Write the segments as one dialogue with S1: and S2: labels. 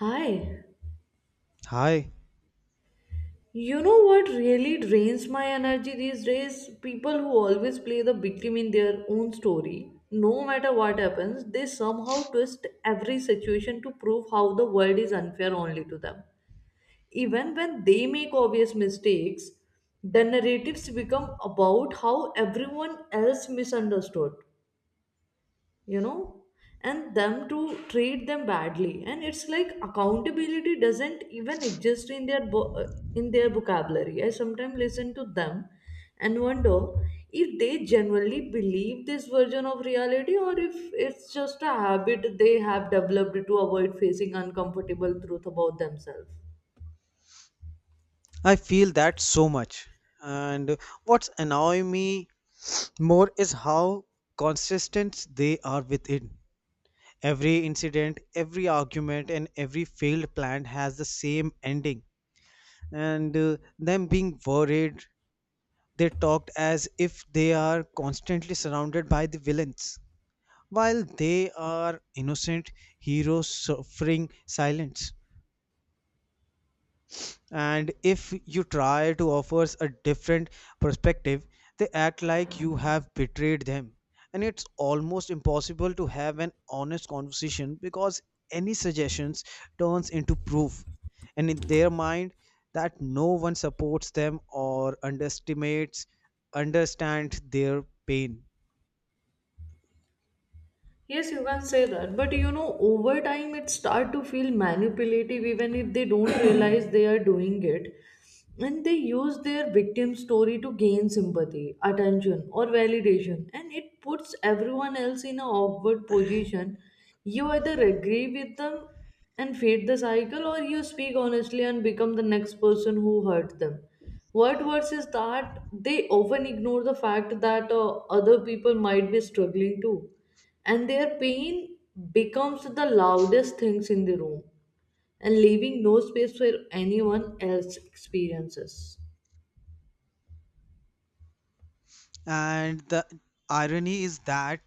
S1: Hi.
S2: Hi,
S1: You know what really drains my energy these days? People who always play the victim in their own story. No matter what happens, they somehow twist every situation to prove how the world is unfair only to them. Even when they make obvious mistakes, the narratives become about how everyone else misunderstood you know and them to treat them badly. And it's like accountability doesn't even exist in their in their vocabulary. I sometimes listen to them and wonder if they genuinely believe this version of reality or if it's just a habit they have developed to avoid facing uncomfortable truth about themselves.
S2: I feel that so much. And what's annoying me more is how consistent they are with it. Every incident, every argument, and every failed plan has the same ending. And them being worried, they talked as if they are constantly surrounded by the villains, while they are innocent heroes suffering silence. And if you try to offer a different perspective, they act like you have betrayed them, and it's almost impossible to have an honest conversation because any suggestions turns into proof, and in their mind that no one supports them or underestimates understand their pain.
S1: Yes, you can say that. But you know, over time it start to feel manipulative even if they don't realize they are doing it. And they use their victim story to gain sympathy, attention, or validation. And it puts everyone else in an awkward position. You either agree with them and feed the cycle, or you speak honestly and become the next person who hurt them. What worse is that they often ignore the fact that other people might be struggling too, and their pain becomes the loudest things in the room, and leaving no space for anyone else experiences.
S2: And the irony is that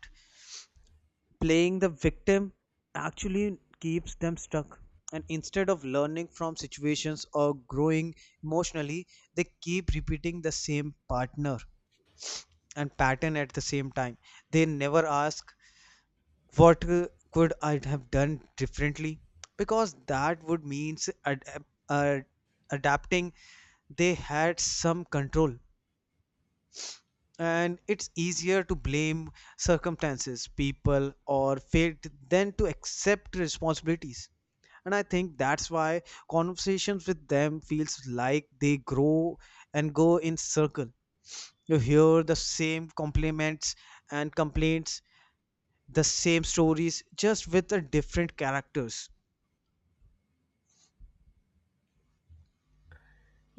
S2: playing the victim actually keeps them stuck. And instead of learning from situations or growing emotionally, they keep repeating the same partner and pattern at the same time. They never ask, what could I have done differently? Because that would mean adapting they had some control, and it's easier to blame circumstances people or fate than to accept responsibilities. And I think that's why conversations with them feels like they grow and go in circle. You hear the same compliments and complaints, the same stories just with the different characters.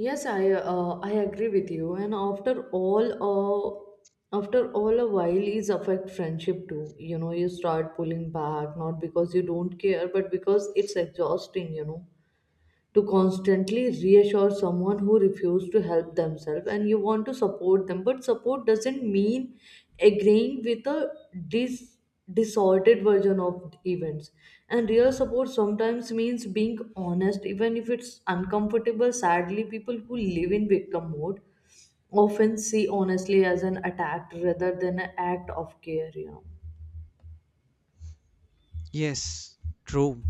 S1: Yes, I agree with you. And all uh, after all a while is affect friendship too, you know. You start pulling back not because you don't care but because it's exhausting, you know, to constantly reassure someone who refused to help themselves. And you want to support them, but support doesn't mean agreeing with a dis- disordered version of events. And real support sometimes means being honest even if it's uncomfortable. Sadly, people who live in victim mode often see honestly as an attack rather than an act of care, you know.
S2: Yes, true.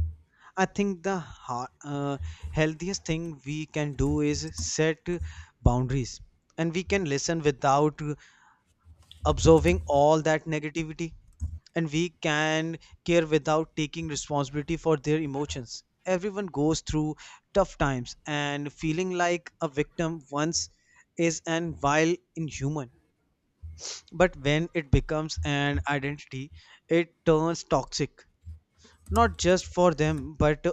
S2: I think the healthiest thing we can do is set boundaries, and we can listen without observing all that negativity, and we can care without taking responsibility for their emotions. Everyone goes through tough times, and feeling like a victim once is and while inhuman, but when it becomes an identity it turns toxic, not just for them but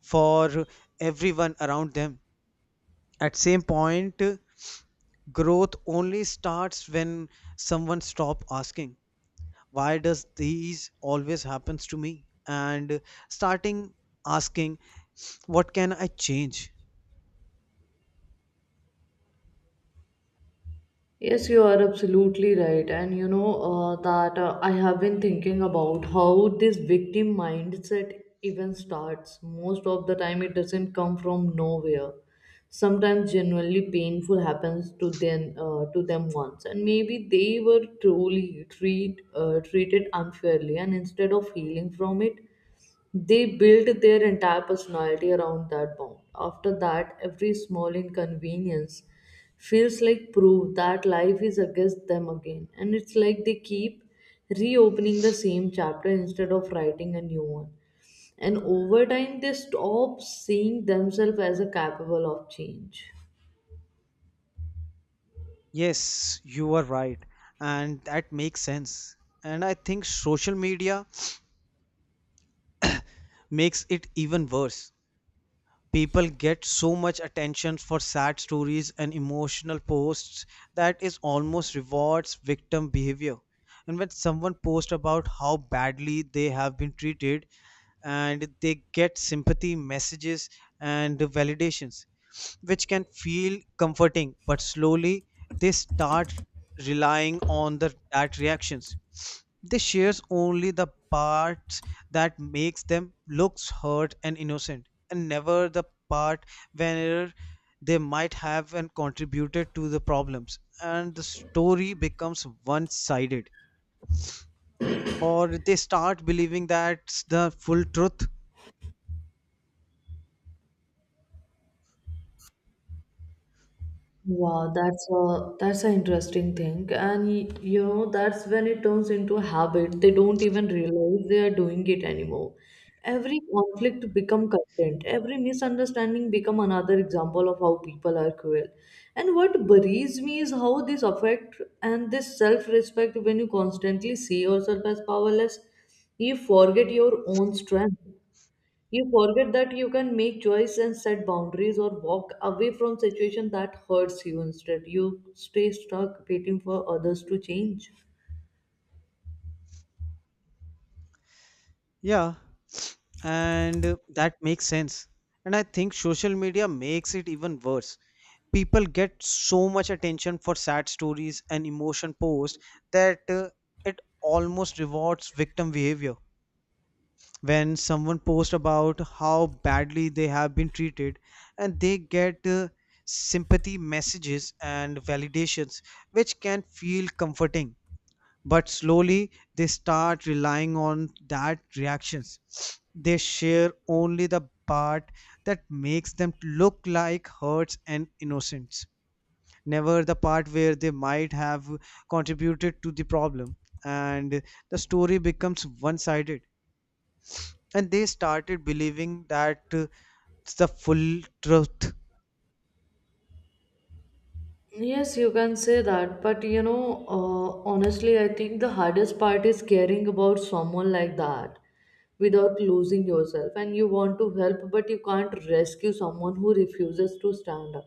S2: for everyone around them. At same point, growth only starts when someone stop asking why does these always happens to me and starting asking what can I change.
S1: Yes, you are absolutely right. And you know that I have been thinking about how this victim mindset even starts. Most of the time, it doesn't come from nowhere. Sometimes, genuinely painful happens to them once, and maybe they were truly treated unfairly, and instead of healing from it, they built their entire personality around that bond. After that, every small inconvenience feels like proof that life is against them again. And it's like they keep reopening the same chapter instead of writing a new one. And over time, they stop seeing themselves as a capable of change.
S2: Yes, you are right, and that makes sense. And I think social media makes it even worse. People get so much attention for sad stories and emotional posts that is almost rewards victim behavior. And when someone posts about how badly they have been treated, and they get sympathy messages and validations, which can feel comforting, but slowly they start relying on the that reactions. They shares only the parts that makes them looks hurt and innocent, and never the part where they might have and contributed to the problems, and the story becomes one sided, or they start believing that's the full truth.
S1: Wow, that's an interesting thing. And you know, that's when it turns into a habit. They don't even realize they are doing it anymore. Every conflict become content. Every misunderstanding become another example of how people are cruel. And what worries me is how this affect and this self respect. When you constantly see yourself as powerless, you forget your own strength. You forget that you can make choice and set boundaries or walk away from situation that hurts you. Instead, you stay stuck waiting for others to change.
S2: Yeah, and that makes sense. And I think social media makes it even worse. People get so much attention for sad stories and emotion posts that it almost rewards victim behavior. When someone posts about how badly they have been treated, and they get sympathy messages and validations, which can feel comforting, but slowly they start relying on that reactions. They share only the part that makes them look like hurts and innocents, never the part where they might have contributed to the problem, and the story becomes one sided, and they started believing that it's the full truth.
S1: Yes, you can say that, but you know, honestly, I think the hardest part is caring about someone like that without losing yourself. And you want to help, but you can't rescue someone who refuses to stand up.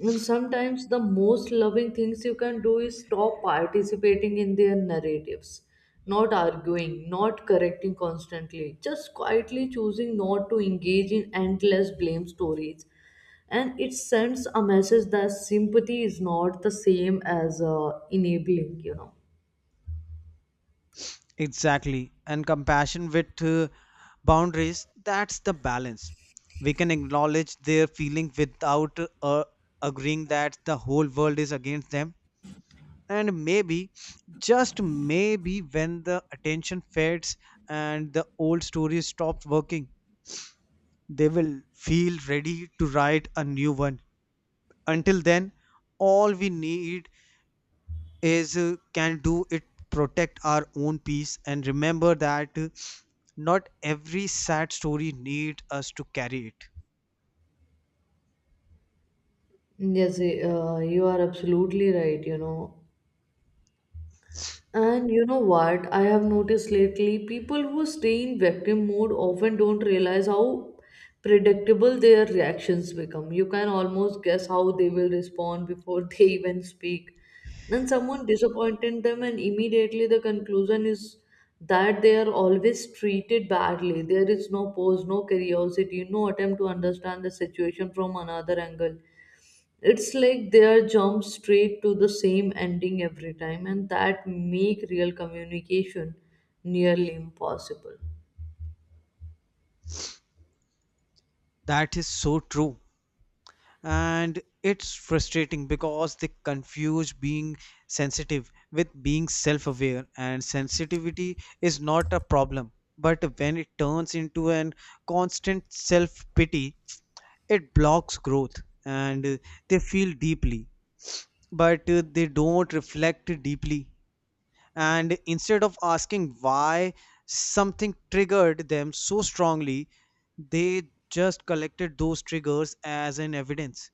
S1: And sometimes the most loving things you can do is stop participating in their narratives, not arguing, not correcting constantly, just quietly choosing not to engage in endless blame stories. And it sends a message that sympathy is not the same as enabling, you know.
S2: Exactly. And compassion with boundaries, that's the balance. We can acknowledge their feeling without agreeing that the whole world is against them. And maybe, just maybe, when the attention fades and the old stories stops working, they will feel ready to write a new one. Until then, all we need is can do it protect our own peace, and remember that not every sad story needs us to carry it.
S1: Yes, you are absolutely right, you know. And you know what? I have noticed lately people who stay in victim mode often don't realize how predictable their reactions become. You can almost guess how they will respond before they even speak. And someone disappointed them, and immediately the conclusion is that they are always treated badly. There is no pause, no curiosity, no attempt to understand the situation from another angle. It's like they are jump straight to the same ending every time, and that make real communication nearly impossible.
S2: That is so true, and it's frustrating because they confuse being sensitive with being self-aware. And sensitivity is not a problem, but when it turns into an constant self-pity it blocks growth. And they feel deeply, but they don't reflect deeply. And instead of asking why something triggered them so strongly, they just collected those triggers as an evidence.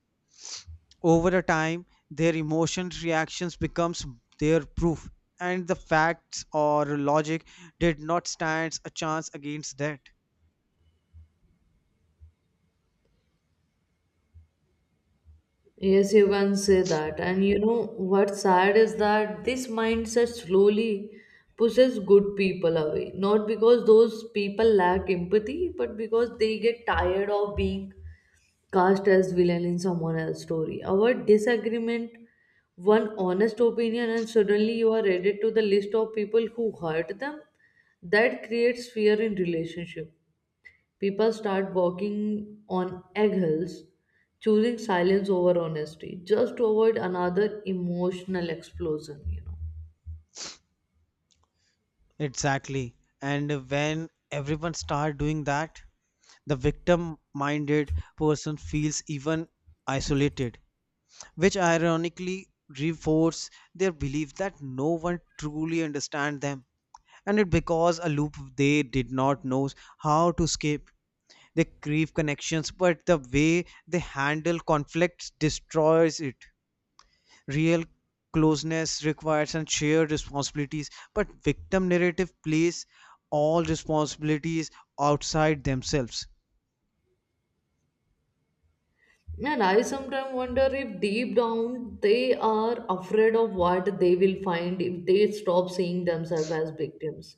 S2: Over a time, their emotion reactions becomes their proof, and the facts or logic did not stands a chance against that.
S1: Yes, you can say that. And you know what's sad is that this mindset slowly pushes good people away, not because those people lack empathy but because they get tired of being cast as villain in someone else's story. Our disagreement, one honest opinion, and suddenly you are added to the list of people who hurt them. That creates fear in relationship. People start walking on eggshells, choosing silence over honesty, just to avoid another emotional explosion. You know.
S2: Exactly. And when everyone start doing that, the victim minded person feels even isolated, which ironically reinforce their belief that no one truly understands them. And it because a loop they did not know how to escape. They crave connections, but the way they handle conflicts destroys it. Real closeness requires and shared responsibilities, but victim narrative plays all responsibilities outside themselves.
S1: And I sometimes wonder if deep down they are afraid of what they will find if they stop seeing themselves as victims.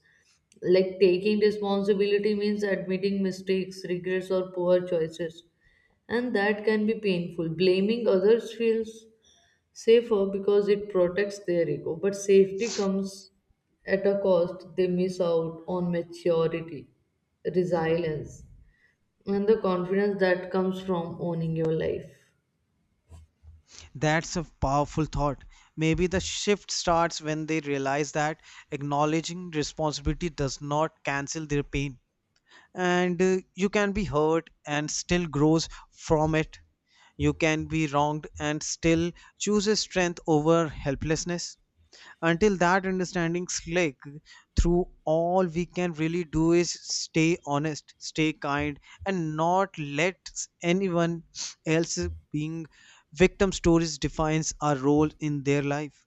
S1: Like taking responsibility means admitting mistakes, regrets, or poor choices, and that can be painful. Blaming others feels safer because it protects their ego, but safety comes at a cost. They miss out on maturity, resilience, and the confidence that comes from owning your life.
S2: That's a powerful thought. Maybe the shift starts when they realize that acknowledging responsibility does not cancel their pain. And you can be hurt and still grows from it. You can be wronged and still chooses strength over helplessness. Until that understanding click through, all we can really do is stay honest, stay kind, and not let anyone else being victim stories defines our role in their life.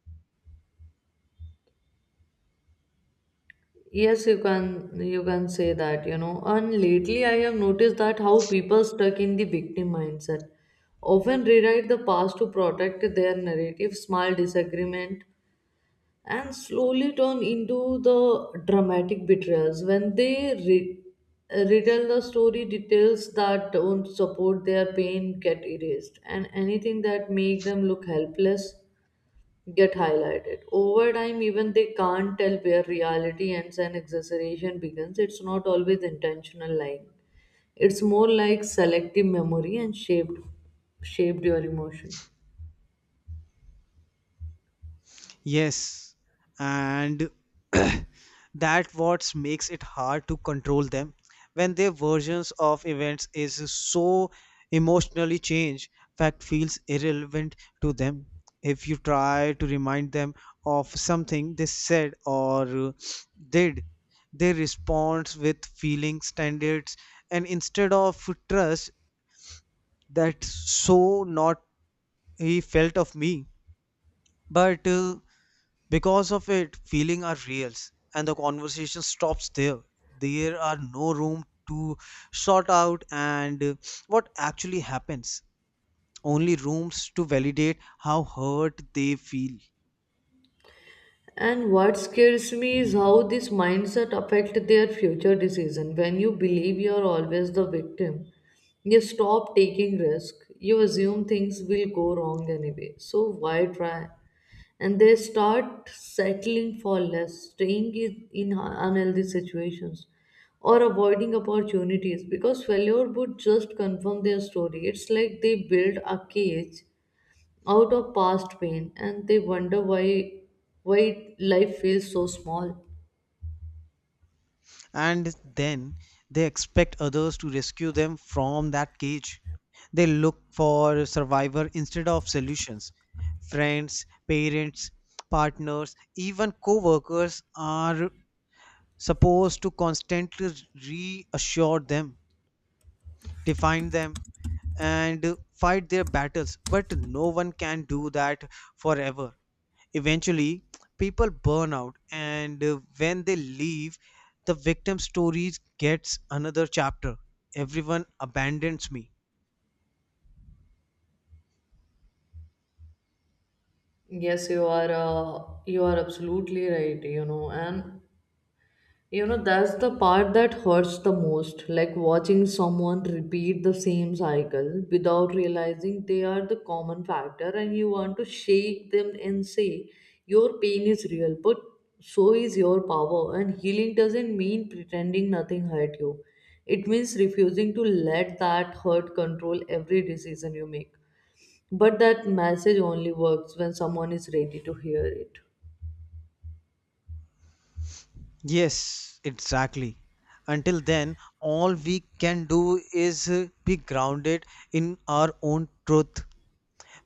S1: Yes, you can say that, you know. And lately I have noticed that how people stuck in the victim mindset often rewrite the past to protect their narrative. Small disagreement, and slowly turn into the dramatic betrayals. When they retell the story, details that don't support their pain get erased, and anything that make them look helpless get highlighted. Over time, even they can't tell where reality ends and exaggeration begins. It's not always intentional lying. It's more like selective memory and shaped your emotion.
S2: Yes, and that what makes it hard to control them. When their versions of events is so emotionally changed, fact feels irrelevant to them. If you try to remind them of something they said or did, they respond with feeling standards and instead of trust that's so not he felt of me. But because of it, feeling are reals and the conversation stops there. There are no room to sort out and what actually happens. Only rooms to validate how hurt they feel.
S1: And what scares me is how this mindset affect their future decision. When you believe you are always the victim, you stop taking risk. You assume things will go wrong anyway. So why try? And they start settling for less, staying in unhealthy situations, or avoiding opportunities because failure would just confirm their story. It's like they build a cage out of past pain, and they wonder why life feels so small.
S2: And then they expect others to rescue them from that cage. They look for survivor instead of solutions. Friends, parents, partners, even co-workers are supposed to constantly reassure them, define them, and fight their battles. But no one can do that forever. Eventually, people burn out, and when they leave, the victim stories gets another chapter. Everyone abandons me.
S1: Yes, you are absolutely right, you know. And you know, that's the part that hurts the most, like watching someone repeat the same cycle without realizing they are the common factor. And you want to shake them and say, your pain is real, but so is your power. And healing doesn't mean pretending nothing hurt you, it means refusing to let that hurt control every decision you make. But that message only works when someone is ready to hear it.
S2: Yes, exactly. Until then, all we can do is be grounded in our own truth.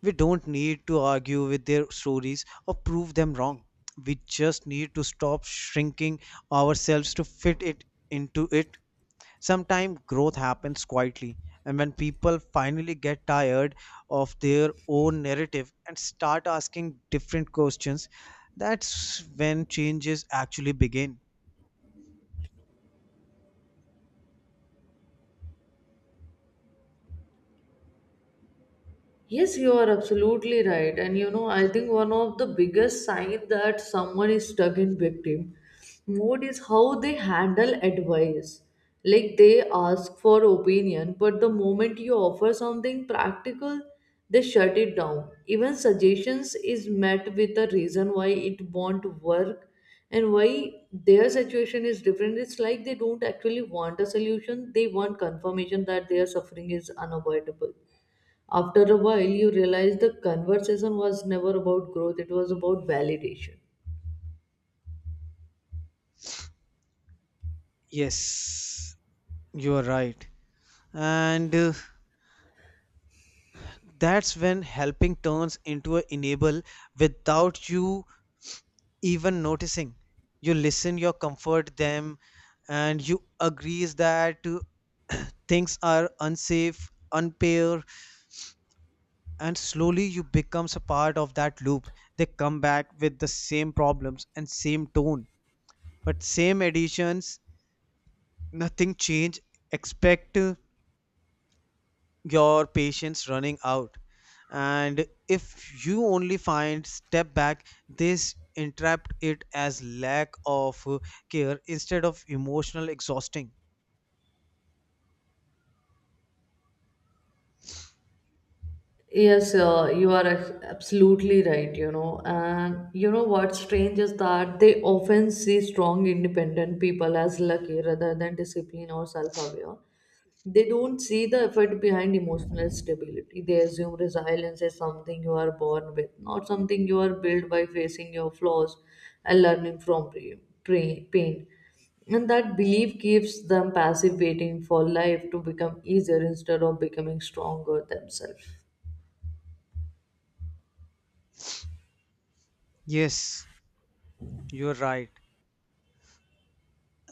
S2: We don't need to argue with their stories or prove them wrong. We just need to stop shrinking ourselves to fit it into it. Sometimes growth happens quietly, and when people finally get tired of their own narrative and start asking different questions, that's when changes actually begin.
S1: Yes, you are absolutely right. And you know, I think one of the biggest sign that someone is stuck in victim mode is how they handle advice. Like they ask for opinion, but the moment you offer something practical, they shut it down. Even suggestions is met with a reason why it won't work and why their situation is different. It's like they don't actually want a solution, they want confirmation that their suffering is unavoidable. After a while, you realize the conversation was never about growth, it was about validation.
S2: Yes, you are right. And that's when helping turns into an enable without you even noticing. You listen, you comfort them, and you agrees that things are unsafe unfair, and slowly you becomes a part of that loop. They come back with the same problems and same tone, but same additions, nothing change expect your patience running out. And if you only find step back, this entrapped it as lack of care instead of emotional exhausting.
S1: Yes, absolutely right, you know. And you know what's strange is that they often see strong, independent people as lucky rather than disciplined or self aware. They don't see the effort behind emotional stability. They assume resilience is something you are born with, not something you are built by facing your flaws and learning from pain. And that belief keeps them passive, waiting for life to become easier instead of becoming stronger themselves.
S2: Yes, you're right.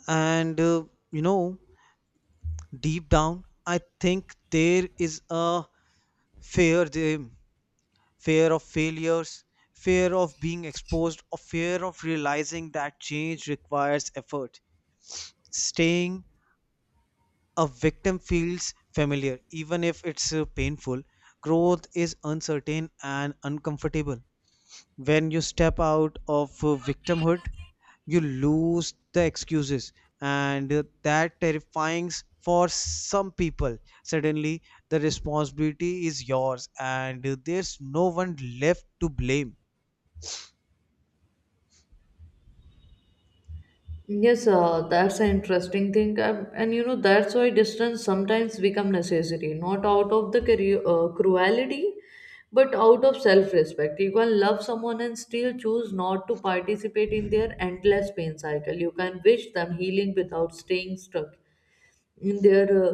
S2: And you know deep down, I think there is a fear, the fear of failures, fear of being exposed, or fear of realizing that change requires effort. Staying a victim feels familiar, even if it's painful. Growth is uncertain and uncomfortable. When you step out of victimhood, you lose the excuses, and that terrifying for some people. Suddenly, the responsibility is yours, and there's no one left to blame.
S1: Yes, that's an interesting thing. And you know, that's why distance sometimes become necessary, not out of the cruelty, but out of self-respect. You can love someone and still choose not to participate in their endless pain cycle. You can wish them healing without staying stuck in their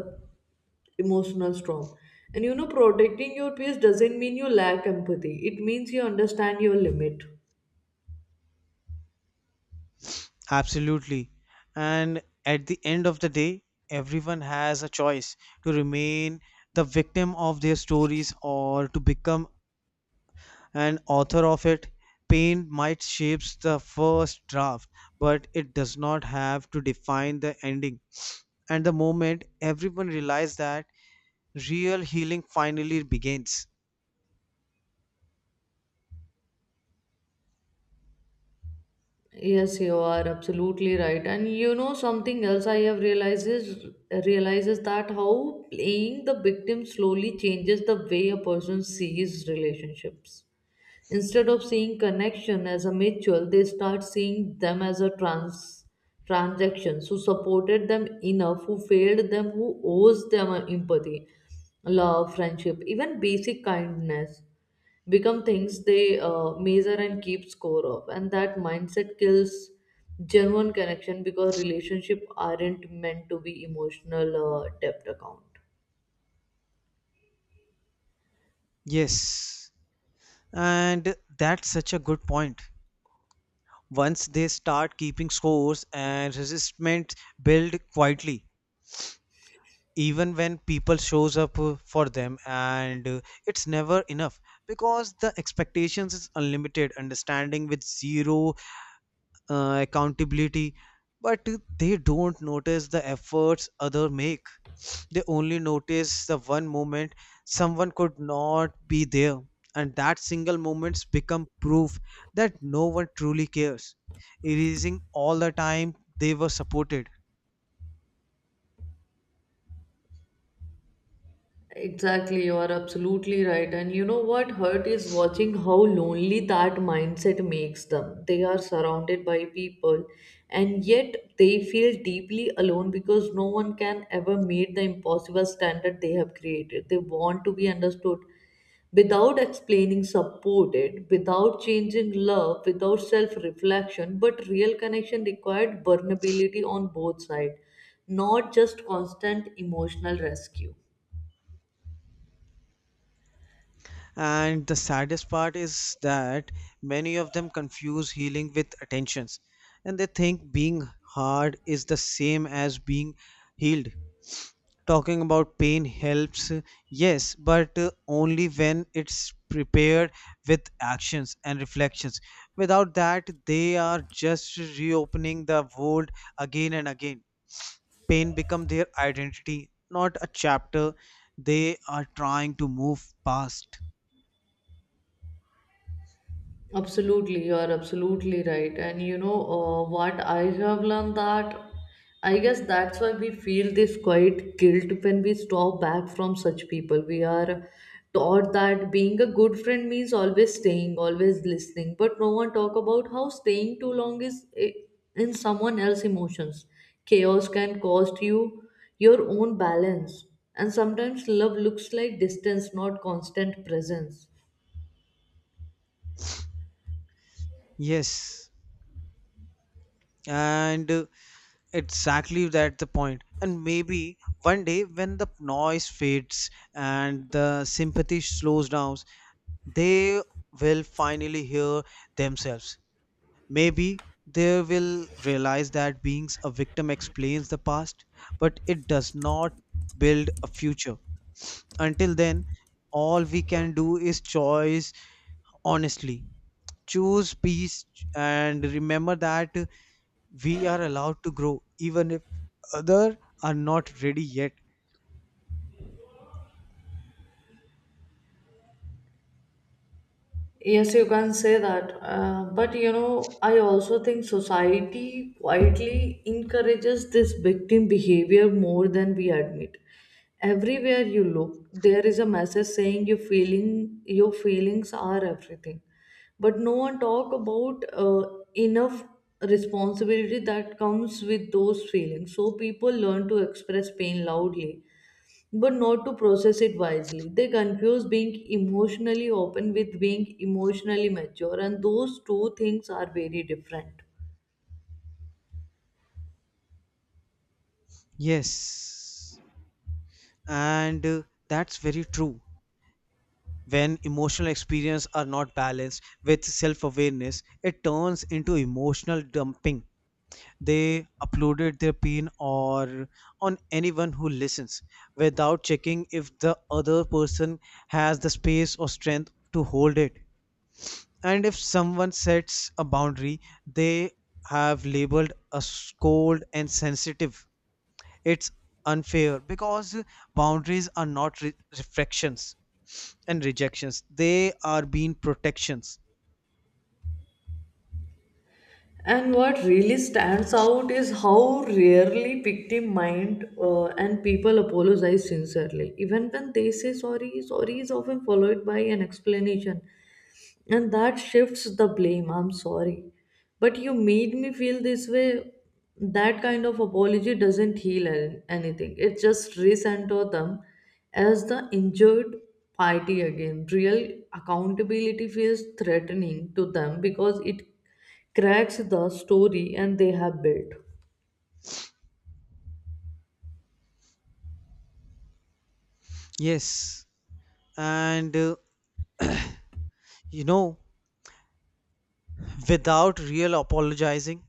S1: emotional storm. And you know, protecting your peace doesn't mean you lack empathy. It means you understand your limit.
S2: Absolutely. And at the end of the day, everyone has a choice to remain the victim of their stories or to become an author of it. Pain might shapes the first draft, but it does not have to define the ending. And the moment everyone realizes that, real healing finally begins.
S1: Yes, you are absolutely right. And you know something else I have realized is realizes that how playing the victim slowly changes the way a person sees relationships. Instead of seeing connection as a mutual, they start seeing them as a transactions. Who supported them enough, who failed them, who owes them empathy, love, friendship, even basic kindness become things they measure and keep score of. And that mindset kills genuine connection because relationship aren't meant to be emotional depth account.
S2: Yes. And that's such a good point. Once they start keeping scores and resistment build quietly, even when people shows up for them and it's never enough, because the expectations is unlimited understanding with zero accountability. But they don't notice the efforts other make. They only notice the one moment someone could not be there, and that single moment's become proof that no one truly cares, erasing all the time they were supported.
S1: Exactly, you are absolutely right. And you know what hurt is watching how lonely that mindset makes them. They are surrounded by people and yet they feel deeply alone because no one can ever meet the impossible standard they have created. They want to be understood without explaining, supported, without changing love, without self reflection. But real connection required vulnerability on both sides, not just constant emotional rescue.
S2: And the saddest part is that many of them confuse healing with attentions, and they think being hard is the same as being healed. Talking about pain helps, yes, but only when it's prepared with actions and reflections. Without that, they are just reopening the world again and again. Pain become their identity, not a chapter they are trying to move past.
S1: Absolutely, you are absolutely right. And you know what I have learned that I guess that's why we feel this quiet guilt when we stop back from such people. We are taught that being a good friend means always staying, always listening, but no one talk about how staying too long is in someone else's emotions. Chaos can cost you your own balance, and sometimes love looks like distance, not constant presence.
S2: Yes, and exactly, that's the point. And maybe one day when the noise fades and the sympathy slows down, they will finally hear themselves. Maybe they will realize that being a victim explains the past, but it does not build a future. Until then, all we can do is choose honestly. Choose peace, and remember that we are allowed to grow even if others are not ready yet.
S1: Yes, you can say that. But you know, I also think society quietly encourages this victim behavior more than we admit. Everywhere you look, there is a message saying your feelings are everything. But no one talk about enough responsibility that comes with those feelings. So people learn to express pain loudly but not to process it wisely. They confuse being emotionally open with being emotionally mature, and those two things are very different.
S2: Yes, and that's very true. When emotional experience are not balanced with self-awareness, it turns into emotional dumping. They uploaded their pain or on anyone who listens without checking if the other person has the space or strength to hold it. And if someone sets a boundary, they have labeled as cold and sensitive. It's unfair because boundaries are not reflections and rejections, they are being protections.
S1: And what really stands out is how rarely victim mind and people apologize sincerely. Even when they say sorry, sorry is often followed by an explanation. And that shifts the blame. I'm sorry. But you made me feel this way. That kind of apology doesn't heal anything, it just recenter them as the injured party again. Real accountability feels threatening to them because it cracks the story and they have built.
S2: Yes, and you know without real apologizing,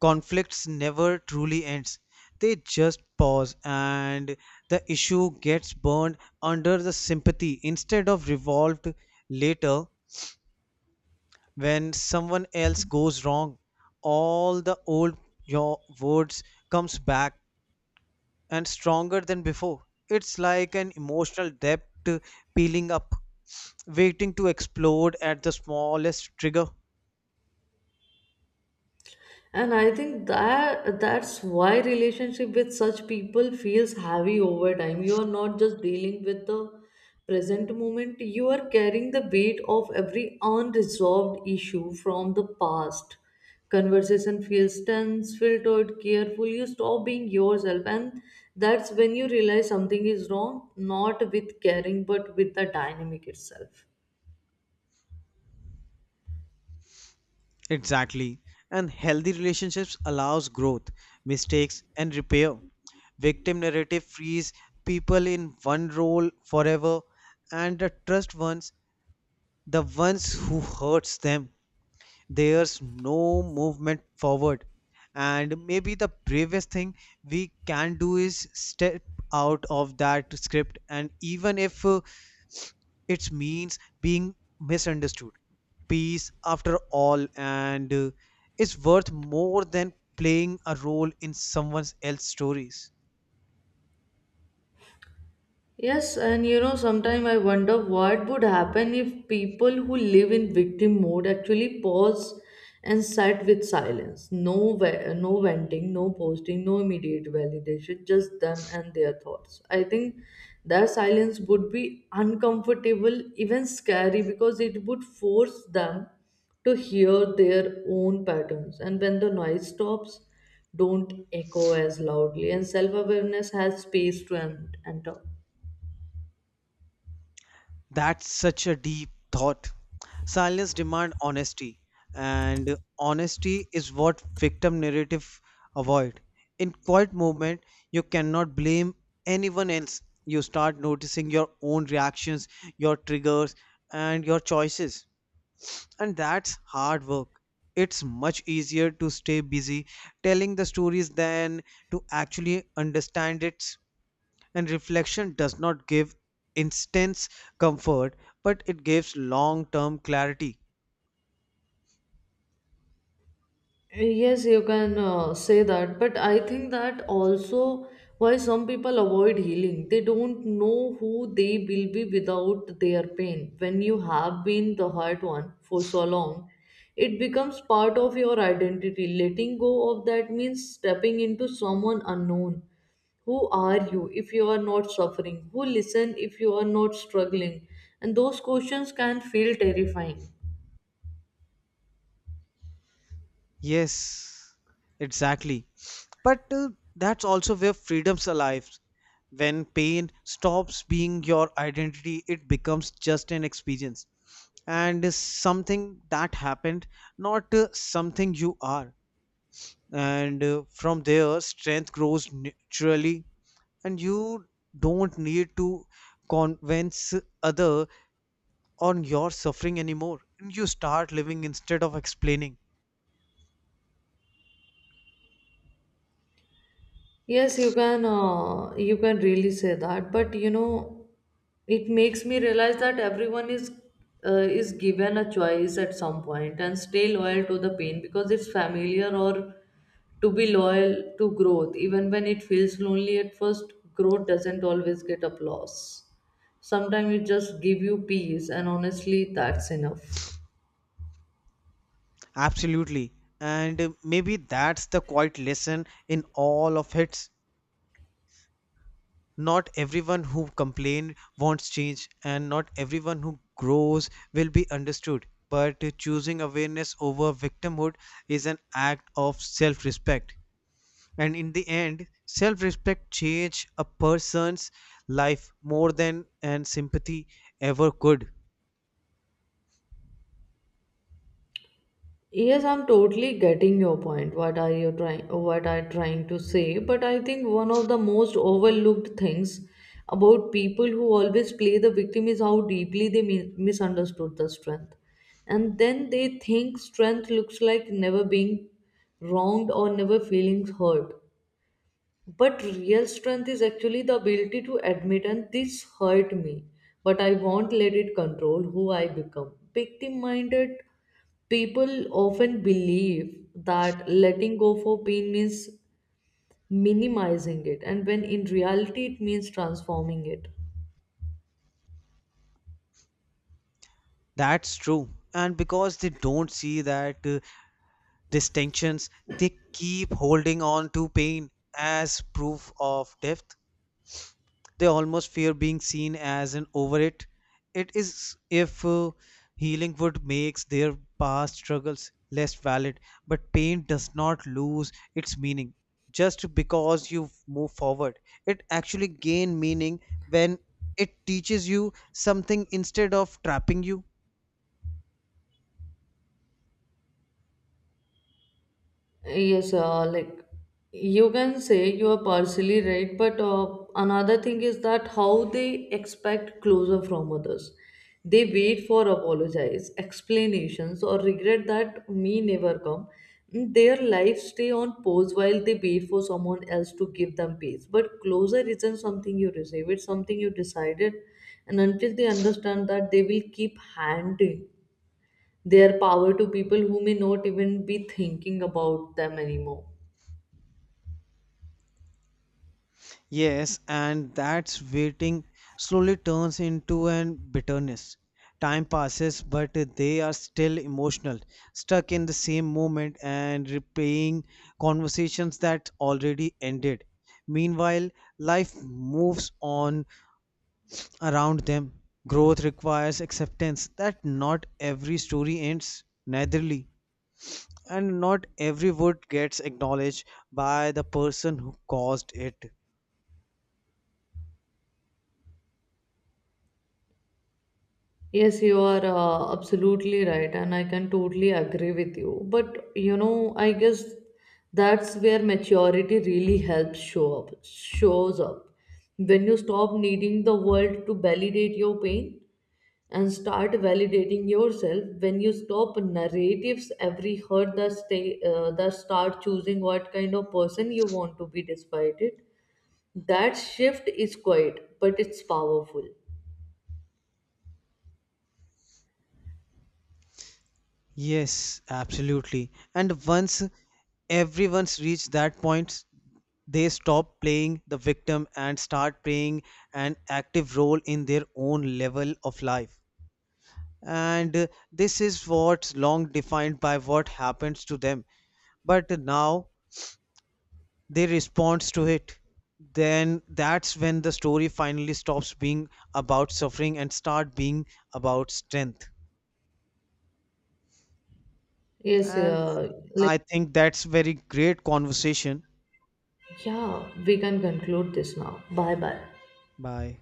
S2: conflicts never truly ends. They just pause, and the issue gets burned under the sympathy instead of revolved. Later, when someone else goes wrong, all the old your words comes back, and stronger than before. It's like an emotional depth peeling up, waiting to explode at the smallest trigger.
S1: And I think that's why relationship with such people feels heavy over time. You are not just dealing with the present moment, you are carrying the weight of every unresolved issue from the past. Conversation feels tense, filtered, careful. You stop being yourself, and that's when you realize something is wrong, not with caring but with the dynamic itself.
S2: Exactly. And healthy relationships allows growth, mistakes and repair. Victim narrative frees people in one role forever, and the trust ones, the ones who hurts them, there's no movement forward. And maybe the bravest thing we can do is step out of that script, and even if it means being misunderstood, peace after all and is worth more than playing a role in someone else's stories.
S1: Yes, and you know, sometimes I wonder what would happen if people who live in victim mode actually pause and sit with silence. No venting, no posting, no immediate validation, just them and their thoughts. I think their silence would be uncomfortable, even scary, because it would force them to hear their own patterns. And when the noise stops, don't echo as loudly, and self awareness has space to enter.
S2: That's such a deep thought. Silence demand honesty, and honesty is what victim narrative avoid. In quiet moment, you cannot blame anyone else. You start noticing your own reactions, your triggers, and your choices. And that's hard work. It's much easier to stay busy telling the stories than to actually understand it. And reflection does not give instant comfort, but it gives long term clarity.
S1: Yes, you can say that, but I think that also why some people avoid healing. They don't know who they will be without their pain. When you have been the hurt one for so long, it becomes part of your identity. Letting go of that means stepping into someone unknown. Who are you if you are not suffering? Who listen if you are not struggling? And those questions can feel terrifying.
S2: Yes, exactly. But that's also where freedom's alive. When pain stops being your identity, it becomes just an experience, and is something that happened, not something you are. And from there, strength grows naturally, and you don't need to convince other on your suffering anymore, and you start living instead of explaining.
S1: Yes, you can really say that, but you know, it makes me realize that everyone is given a choice at some point, and stay loyal to the pain because it's familiar, or to be loyal to growth, even when it feels lonely at first. Growth doesn't always get applause. Sometimes it just give you peace, and honestly that's enough.
S2: Absolutely. And maybe that's the quiet lesson in all of it. Not everyone who complains wants change, and not everyone who grows will be understood, but choosing awareness over victimhood is an act of self-respect, and in the end self-respect changes a person's life more than and sympathy ever could.
S1: Yes, I'm totally getting your point. What I'm trying to say? But I think one of the most overlooked things about people who always play the victim is how deeply they misunderstood the strength. And then they think strength looks like never being wronged or never feeling hurt. But real strength is actually the ability to admit, and this hurt me, but I won't let it control who I become. Victim minded people often believe that letting go for pain means minimizing it, and when in reality, it means transforming it.
S2: That's true. And because they don't see that distinctions, they keep holding on to pain as proof of depth. They almost fear being seen as an over it. It is if healing would makes their past struggles less valid, but pain does not lose its meaning just because you move forward. It actually gain meaning when it teaches you something instead of trapping you.
S1: Yes, you can say you are partially right, but another thing is that how they expect closure from others. They wait for apologies, explanations, or regret that me never come. Mm, their lives stay on pause while they wait for someone else to give them peace. But closure isn't something you receive; it's something you decided, and until they understand that, they will keep handing their power to people who may not even be thinking about them anymore.
S2: Yes, and that's waiting slowly turns into an bitterness. Time passes, but they are still emotional, stuck in the same moment and replaying conversations that already ended. Meanwhile, life moves on around them. Growth requires acceptance that not every story ends naturally, and not every word gets acknowledged by the person who caused it.
S1: Yes, you are absolutely right, and I can totally agree with you. But you know, I guess that's where maturity really helps shows up. When you stop needing the world to validate your pain and start validating yourself, when you stop narratives, every hurt that start choosing what kind of person you want to be despite it, that shift is quiet, but it's powerful.
S2: Yes, absolutely. And once everyone's reached that point, they stop playing the victim and start playing an active role in their own level of life. And this is what's long defined by what happens to them. But now they respond to it. Then that's when the story finally stops being about suffering and start being about strength.
S1: Yes,
S2: And
S1: uh, like,
S2: I think that's very great conversation.
S1: yeah, we can conclude this now. Bye bye.
S2: Bye.